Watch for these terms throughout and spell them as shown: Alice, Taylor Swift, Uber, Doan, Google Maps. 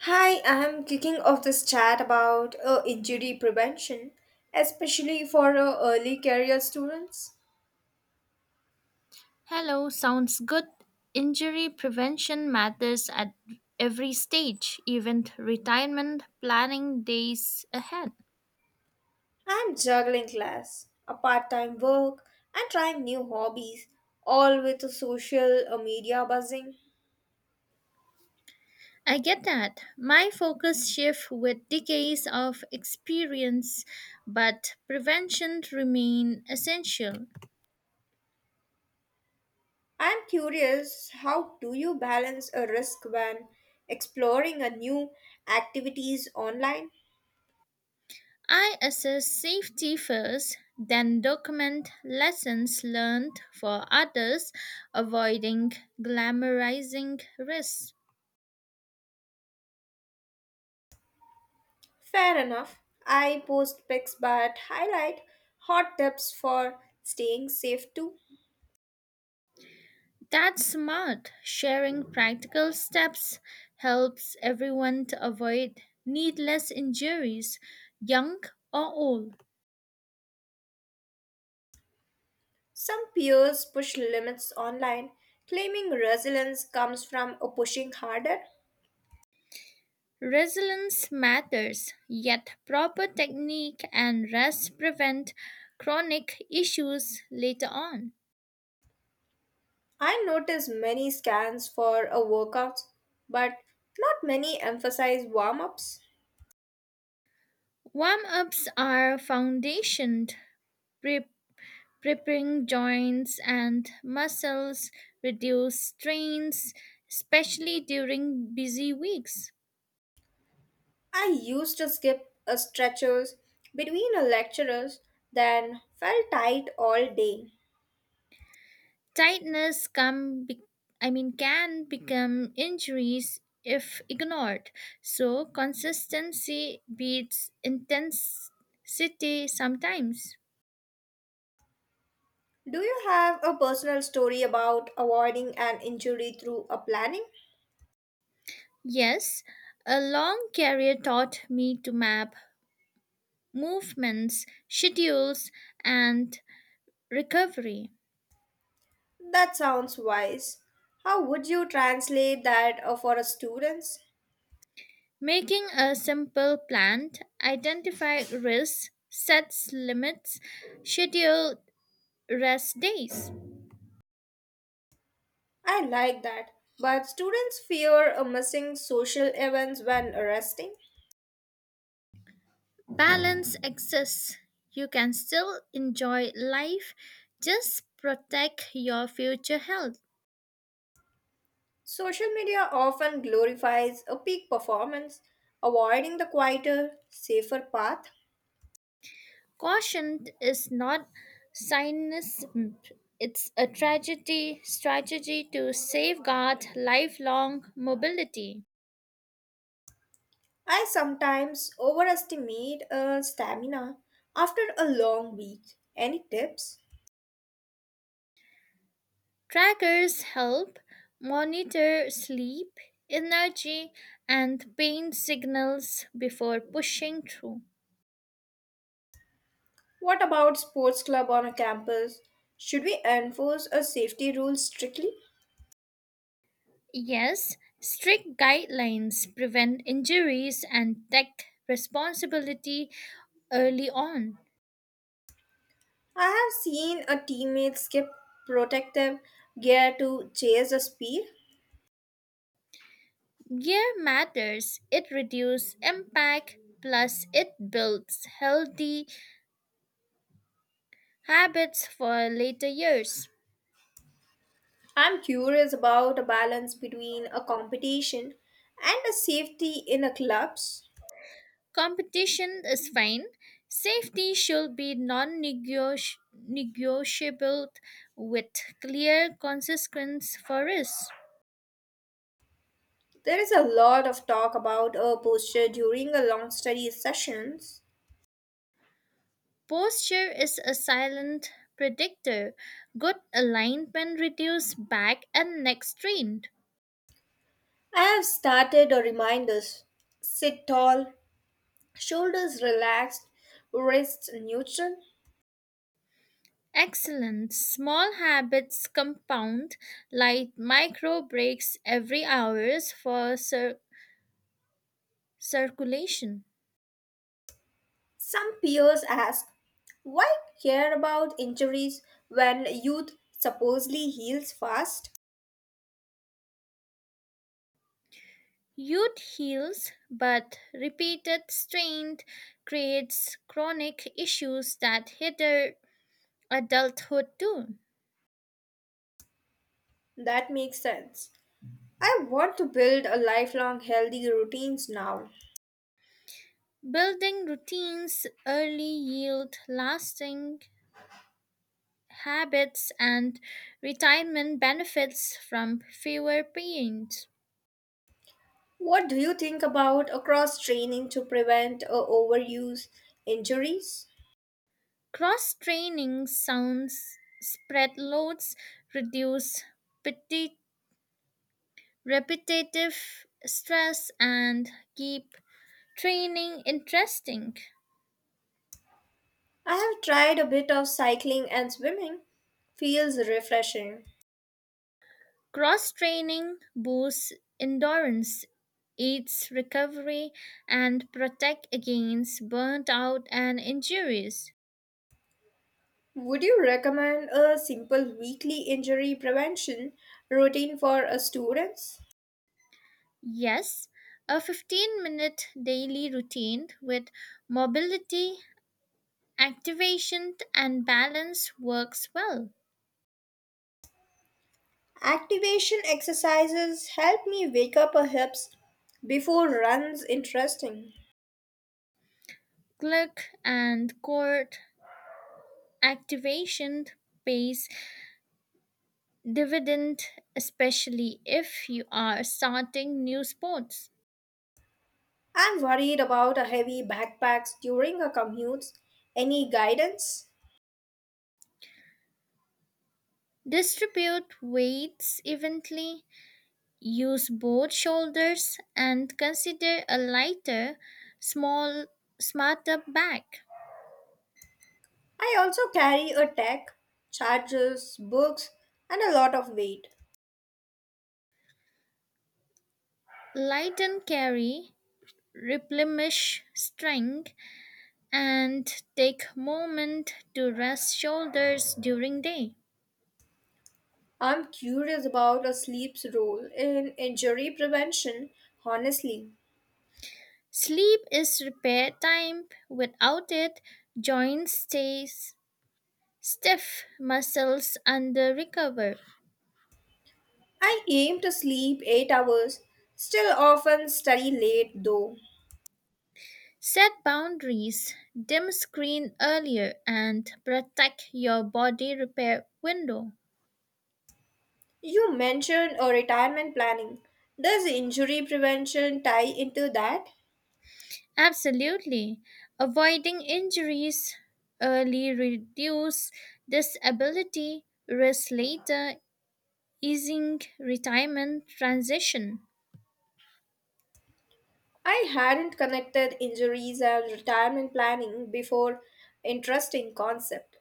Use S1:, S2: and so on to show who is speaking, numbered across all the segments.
S1: Hi, I'm kicking off this chat about injury prevention, especially for early career students.
S2: Hello, sounds good. Injury prevention matters at every stage, even retirement planning days ahead.
S1: I'm juggling class, a part time work, and trying new hobbies, all with the social media buzzing.
S2: I get that. My focus shifts with decades of experience, but prevention remains essential.
S1: I'm curious how do you balance a risk when exploring a new activities online?
S2: I assess safety first, then document lessons learned for others, avoiding glamorizing risks.
S1: Fair enough. I post pics but highlight hot tips for staying safe too.
S2: That's smart. Sharing practical steps helps everyone to avoid needless injuries, young or old.
S1: Some peers push limits online, claiming resilience comes from a pushing harder.
S2: Resilience matters, yet proper technique and rest prevent chronic issues later on.
S1: I notice many scans for a workouts, but not many emphasize warm-ups.
S2: Warm ups are foundation, pre- preparing joints and muscles, reduce strains, especially during busy weeks.
S1: I used to skip a stretchers between a lecturers, then felt tight all day.
S2: Tightness come be- I mean can become injuries if ignored. So consistency beats intensity sometimes.
S1: Do you have a personal story about avoiding an injury through a planning?
S2: Yes, a long career taught me to map movements, schedules and recovery.
S1: That sounds wise. How would you translate that for a students?
S2: Making a simple plan, identify risks, sets limits, schedule rest days.
S1: I like that. But students fear a missing social events when resting.
S2: Balance exists. You can still enjoy life, just protect your future health.
S1: Social media often glorifies a peak performance, avoiding the quieter, safer path.
S2: Caution is not cynicism. It's a tragedy strategy to safeguard lifelong mobility.
S1: I sometimes overestimate stamina after a long week. Any tips?
S2: Trackers help monitor sleep, energy, and pain signals before pushing through.
S1: What about sports club on a campus? Should we enforce a safety rule strictly?
S2: Yes, strict guidelines prevent injuries and take responsibility early on.
S1: I have seen a teammate skip protective gear to chase a speed.
S2: Gear matters, it reduces impact, plus, it builds healthy habits for later years.
S1: I'm curious about a balance between a competition and a safety in a clubs.
S2: Competition is fine. Safety should be non negotiable with clear consequence for risk.
S1: There is a lot of talk about a posture during a long study sessions.
S2: Posture is a silent predictor. Good alignment reduces back and neck strain.
S1: I have started a reminders. Sit tall, shoulders relaxed, wrists neutral.
S2: Excellent. Small habits compound, like micro breaks every hours for circulation.
S1: Some peers ask, why care about injuries when youth supposedly heals fast?
S2: Youth heals, but repeated strain creates chronic issues that hinder adulthood too.
S1: That makes sense. I want to build a lifelong healthy routines now.
S2: Building routines early yield lasting habits and retirement benefits from fewer pains.
S1: What do you think about a cross training to prevent overuse injuries?
S2: Cross training sounds spread loads, reduce petit- repetitive stress, and keep training interesting.
S1: I have tried a bit of cycling and swimming. Feels refreshing.
S2: Cross training boosts endurance, aids recovery, and protect against burnt out and injuries.
S1: Would you recommend a simple weekly injury prevention routine for students?
S2: Yes, a 15-minute daily routine with mobility, activation, and balance works well.
S1: Activation exercises help me wake up a hips before runs interesting.
S2: Gluck and core activation pays dividend, especially if you are starting new sports.
S1: I'm worried about a heavy backpacks during a commute. Any guidance?
S2: Distribute weights evenly, use both shoulders, and consider a lighter, small, smarter bag.
S1: I also carry a tech, chargers, books, and a lot of weight.
S2: Light and carry replenish strength and take moment to rest shoulders during day.
S1: I'm curious about a sleep's role in injury prevention, honestly.
S2: Sleep is repair time. Without it joints stay stiff, muscles under recover.
S1: I aim to sleep 8 hours, still often study late though.
S2: Set boundaries, dim screen earlier and protect your body repair window.
S1: You mentioned a retirement planning. Does injury prevention tie into that?
S2: Absolutely, avoiding injuries early reduce disability risk later, easing retirement transition.
S1: I hadn't connected injuries and retirement planning before. Interesting concept.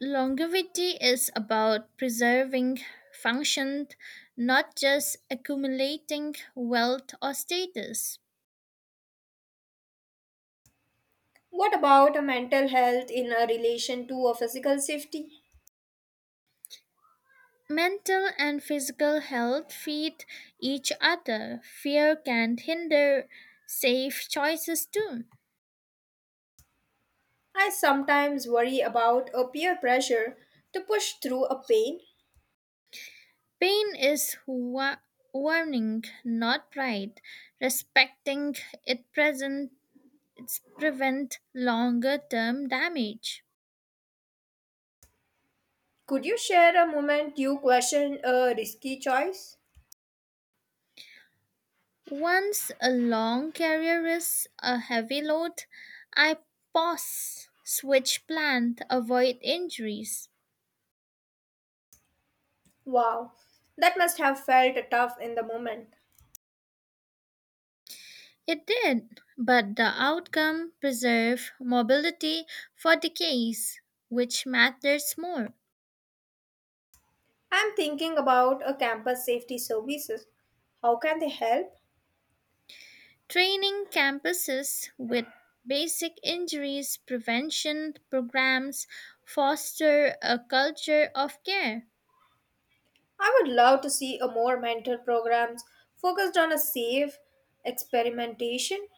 S2: Longevity is about preserving function, not just accumulating wealth or status.
S1: What about a mental health in a relation to a physical safety?
S2: Mental and physical health feed each other. Fear can hinder safe choices too.
S1: I sometimes worry about a peer pressure to push through a pain.
S2: Pain is warning, not pride. Respecting it present it's prevent longer term damage.
S1: Could you share a moment you questioned a risky choice?
S2: Once a long carrier is a heavy load, I pause, switch plant, avoid injuries.
S1: Wow, that must have felt tough in the moment.
S2: It did, but the outcome preserved mobility for decades, which matters more.
S1: I'm thinking about a campus safety services. How can they help?
S2: Training campuses with basic injuries prevention programs foster a culture of care.
S1: I would love to see a more mentor programs focused on a safe experimentation.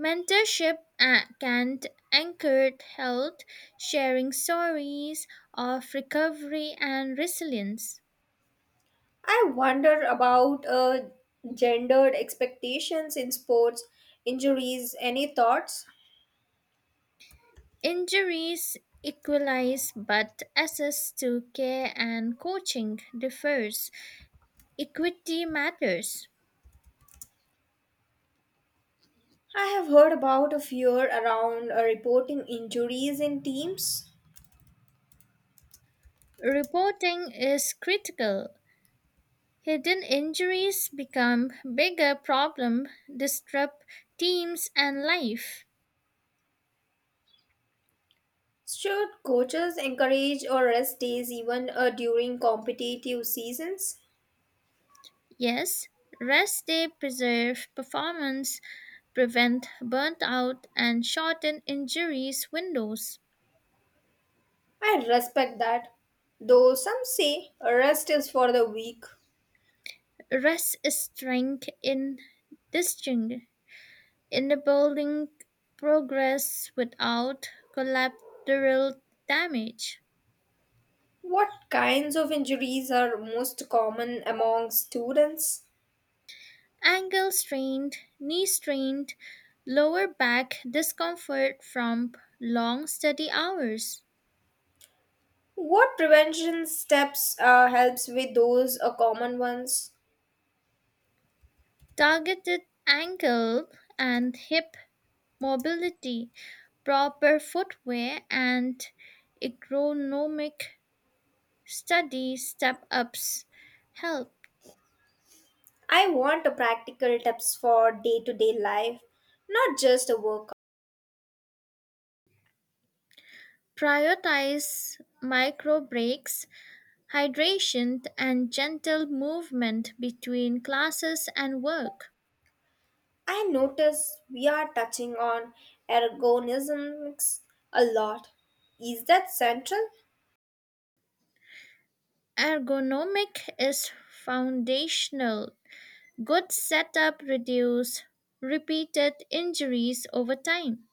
S2: Mentorship can anchor health, sharing stories of recovery and resilience.
S1: I wonder about gendered expectations in sports, injuries. Any thoughts?
S2: Injuries equalize, but access to care and coaching differs. Equity matters.
S1: I have heard about a fear around reporting injuries in teams.
S2: Reporting is critical. Hidden injuries become bigger problem, disrupt teams and life.
S1: Should coaches encourage or rest days even during competitive seasons?
S2: Yes, rest day preserve performance, prevent burnout, and shorten injuries windows.
S1: I respect that, though some say rest is for the weak.
S2: Rest is strength in distinct, enabling progress without collateral damage.
S1: What kinds of injuries are most common among students?
S2: Ankle strained, knee strained, lower back discomfort from long study hours.
S1: What prevention steps helps with those common ones?
S2: Targeted ankle and hip mobility, proper footwear, and ergonomic study step ups help
S1: I want a practical tips for day-to-day life, not just a workout.
S2: prioritize micro breaks, hydration, and gentle movement between classes and work.
S1: I notice we are touching on ergonomics a lot. Is that central?
S2: Ergonomic is foundational. Good setup reduce repeated injuries over time.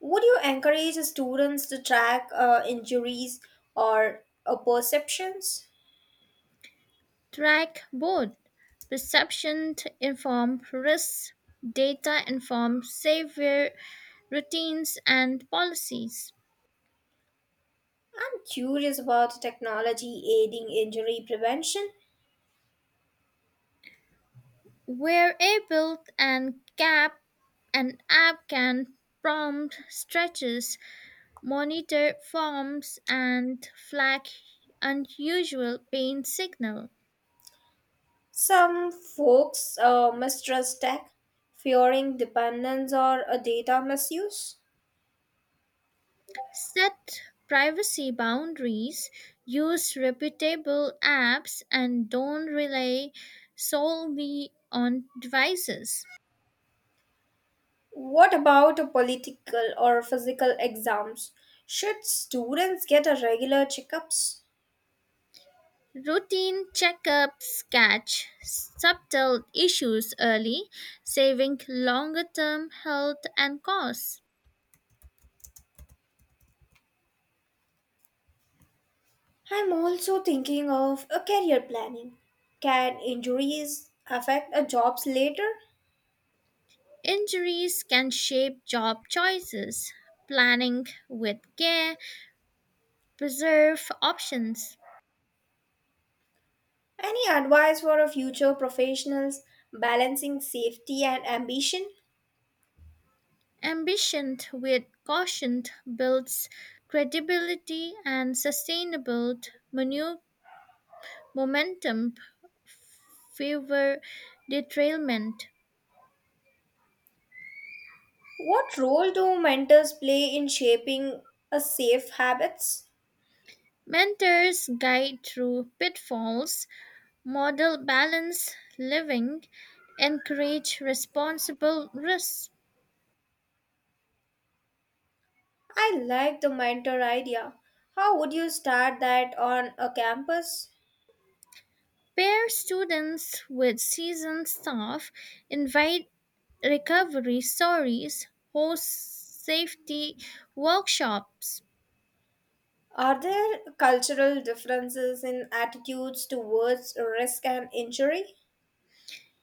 S1: Would you encourage students to track injuries or perceptions?
S2: Track board. Perception inform risk, data inform safer routines and policies.
S1: I'm curious about technology aiding injury prevention.
S2: We're able and gap an app can prompt stretches, monitor forms and flag unusual pain signal.
S1: Some folks mistrust tech, fearing dependence or a data misuse.
S2: Set privacy boundaries, use reputable apps and don't rely solely on devices.
S1: What about a political or physical exams? Should students get a regular checkups?
S2: Routine checkups catch subtle issues early, saving longer term health and costs.
S1: I'm also thinking of a career planning. Can injuries affect a jobs later?
S2: Injuries can shape job choices. Planning with care preserve options.
S1: Any advice for a future professionals balancing safety and ambition?
S2: Ambition with caution builds credibility and sustainable manu- momentum favor derailment.
S1: What role do mentors play in shaping a safe habits?
S2: Mentors guide through pitfalls. Model balanced living, encourage responsible risks,
S1: I like the mentor idea. How would you start that on a campus?
S2: pair students with seasoned staff, invite recovery stories, host safety workshops.
S1: Are there cultural differences in attitudes towards risk and injury?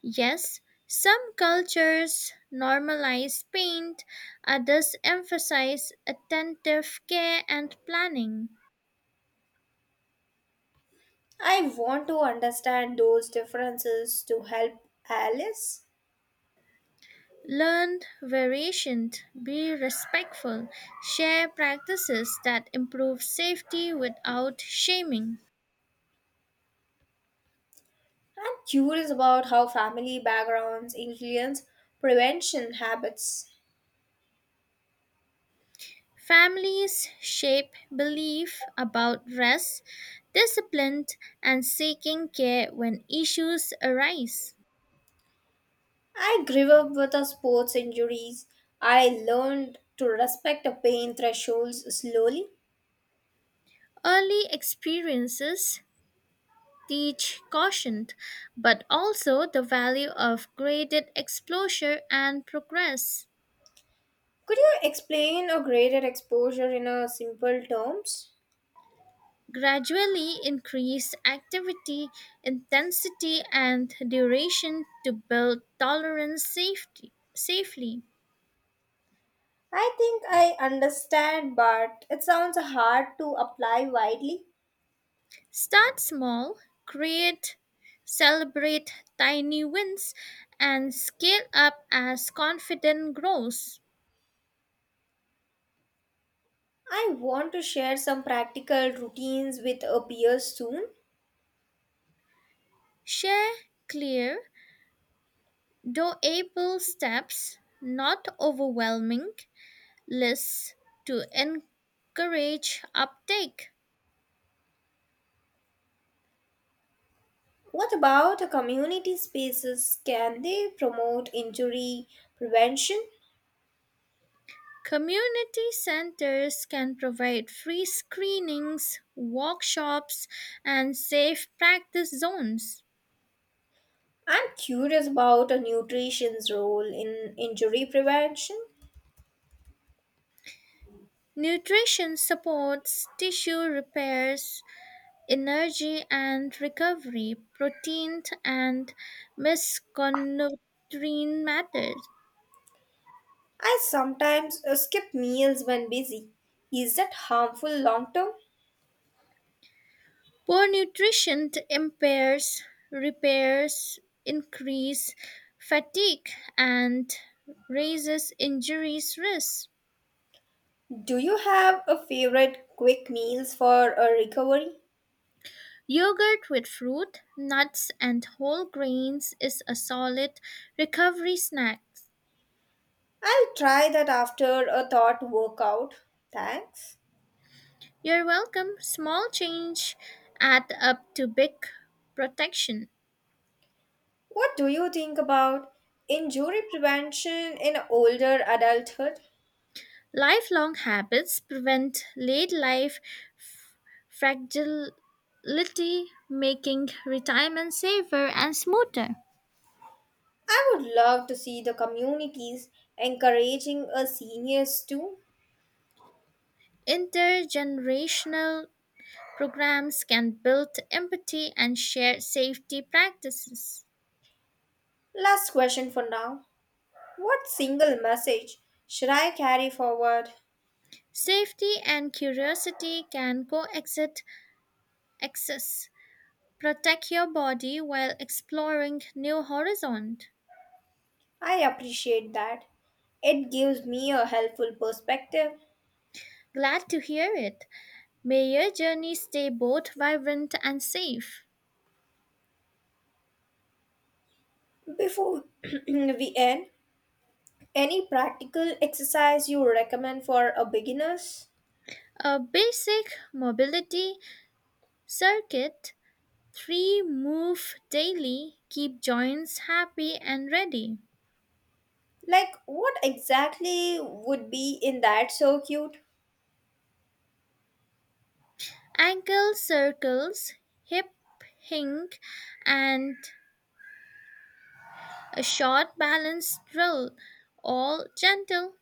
S2: Yes, some cultures normalize paint, others emphasize attentive care and planning.
S1: I want to understand those differences to help Alice.
S2: Learn variations, be respectful, share practices that improve safety without shaming.
S1: I'm curious about how family backgrounds influence prevention habits.
S2: Families shape belief about rest, discipline, and seeking care when issues arise.
S1: I grew up with a sports injuries. I learned to respect the pain thresholds slowly.
S2: Early experiences teach caution, but also the value of graded exposure and progress.
S1: Could you explain a greater exposure in a simple terms?
S2: Gradually increase activity intensity and duration to build tolerance safety, safely.
S1: I think I understand, but it sounds hard to apply widely.
S2: Start small, create, celebrate tiny wins, and scale up as confidence grows.
S1: I want to share some practical routines with a peers soon.
S2: Share clear, doable steps, not overwhelming, lists to encourage uptake.
S1: What about a community spaces? Can they promote injury prevention?
S2: Community centers can provide free screenings, workshops, and safe practice zones.
S1: I'm curious about a nutrition's role in injury prevention.
S2: Nutrition supports tissue repairs, energy and recovery, protein and misconnutrient matters.
S1: I sometimes skip meals when busy. Is that harmful long term?
S2: Poor nutrition impairs repairs, increase fatigue, and raises injuries risk.
S1: Do you have a favorite quick meals for a recovery?
S2: Yogurt with fruit, nuts, and whole grains is a solid recovery snack.
S1: I'll try that after a thought workout. Thanks.
S2: You're welcome. Small change add up to big protection.
S1: What do you think about injury prevention in older adulthood?
S2: Lifelong habits prevent late life fragility, making retirement safer and smoother.
S1: I would love to see the communities encouraging us seniors too.
S2: Intergenerational programs can build empathy and share safety practices.
S1: Last question for now. What single message should I carry forward?
S2: Safety and curiosity can coexist. Access protect your body while exploring new horizons.
S1: I appreciate that. It gives me a helpful perspective.
S2: Glad to hear it. May your journey stay both vibrant and safe.
S1: Before we end, any practical exercise you recommend for a beginners?
S2: A basic mobility circuit, three move daily, keep joints happy and ready.
S1: Like what exactly would be in that So cute.
S2: Ankle circles, hip hinge, and a short balance drill, all gentle.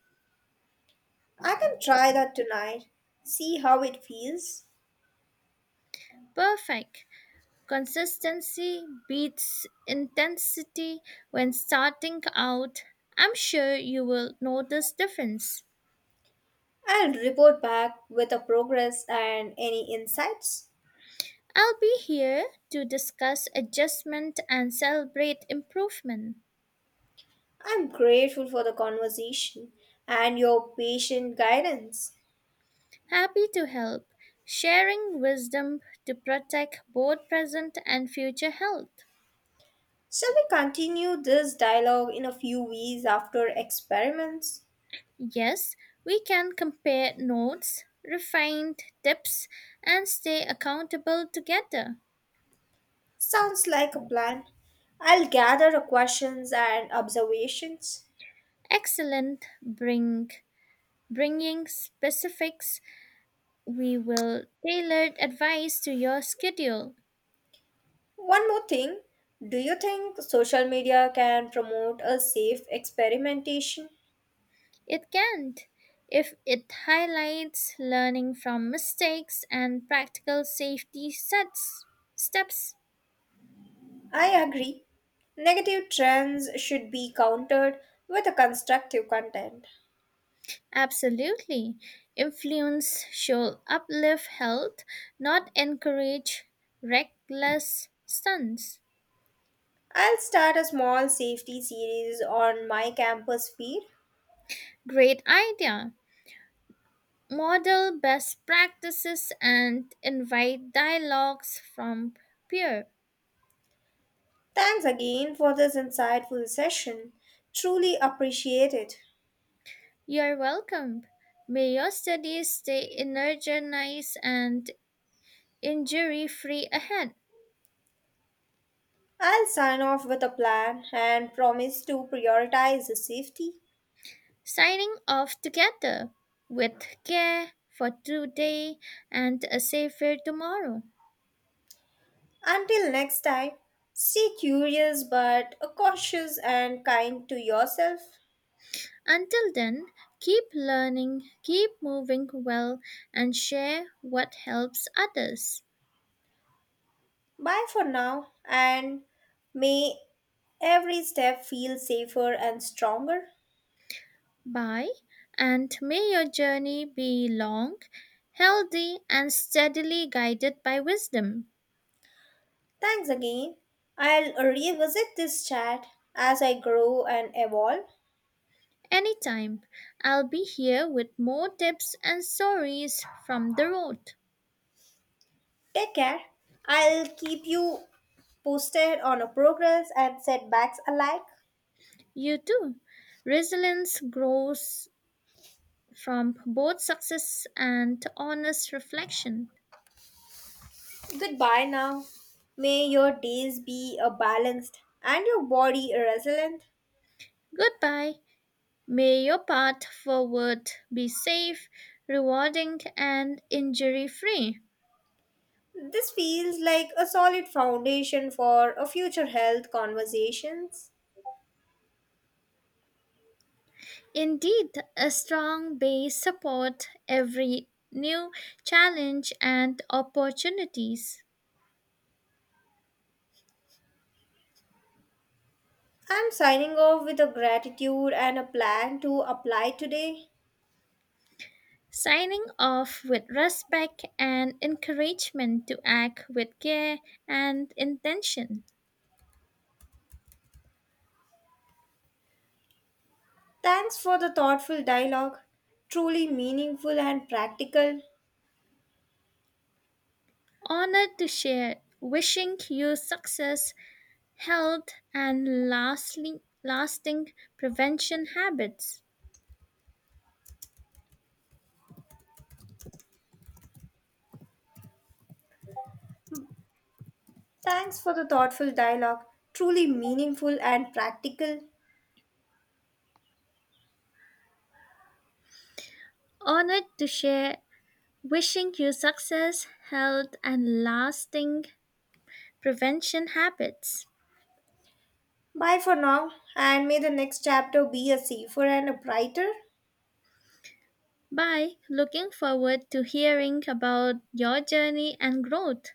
S1: I can try that tonight. See how it feels.
S2: Perfect. Consistency beats intensity when starting out. I'm sure you will notice difference.
S1: I'll report back with the progress and any insights.
S2: I'll be here to discuss adjustment and celebrate improvement.
S1: I'm grateful for the conversation and your patient guidance.
S2: Happy to help, sharing wisdom to protect both present and future health.
S1: Shall we continue this dialogue in a few weeks after experiments?
S2: Yes, we can compare notes, refine tips, and stay accountable together.
S1: Sounds like a plan. I'll gather the questions and observations.
S2: Excellent, bringing specifics. We will tailor advice to your schedule.
S1: One more thing do you think social media can promote a safe experimentation?
S2: It can't. If it highlights learning from mistakes and practical safety sets, steps,
S1: I agree. Negative trends should be countered with a constructive content.
S2: absolutely. Influence should uplift health, not encourage reckless stunts.
S1: I'll start a small safety series on my campus feed.
S2: Great idea. Model best practices and invite dialogues from peer.
S1: Thanks again for this insightful session. Truly appreciate it.
S2: You're welcome. May your studies stay energized and injury free ahead.
S1: I'll sign off with a plan and promise to prioritize the safety.
S2: Signing off together with care for today and a safer tomorrow.
S1: Until next time, stay curious but cautious and kind to yourself.
S2: Until then, keep learning, keep moving well, and share what helps others.
S1: Bye for now and may every step feel safer and stronger.
S2: Bye, and may your journey be long, healthy, and steadily guided by wisdom.
S1: Thanks again. I'll revisit this chat as I grow and evolve.
S2: Anytime. I'll be here with more tips and stories from the road.
S1: Take care. I'll keep you posted on a progress and setbacks alike.
S2: You too. Resilience grows from both success and honest reflection.
S1: Goodbye now. May your days be a balanced and your body a resilient.
S2: Goodbye. May your path forward be safe, rewarding, and injury free.
S1: This feels like a solid foundation for a future health conversations.
S2: Indeed, a strong base support every new challenge and opportunities.
S1: I'm signing off with a gratitude and a plan to apply today.
S2: Signing off with respect and encouragement to act with care and intention.
S1: Thanks for the thoughtful dialogue. Truly meaningful and practical.
S2: Honored to share, wishing you success, health, and lasting prevention habits.
S1: Thanks for the thoughtful dialogue. Truly meaningful and practical.
S2: Honored to share, wishing you success, health, and lasting prevention habits.
S1: Bye for now, and may the next chapter be a safer and a brighter.
S2: Bye. Looking forward to hearing about your journey and growth.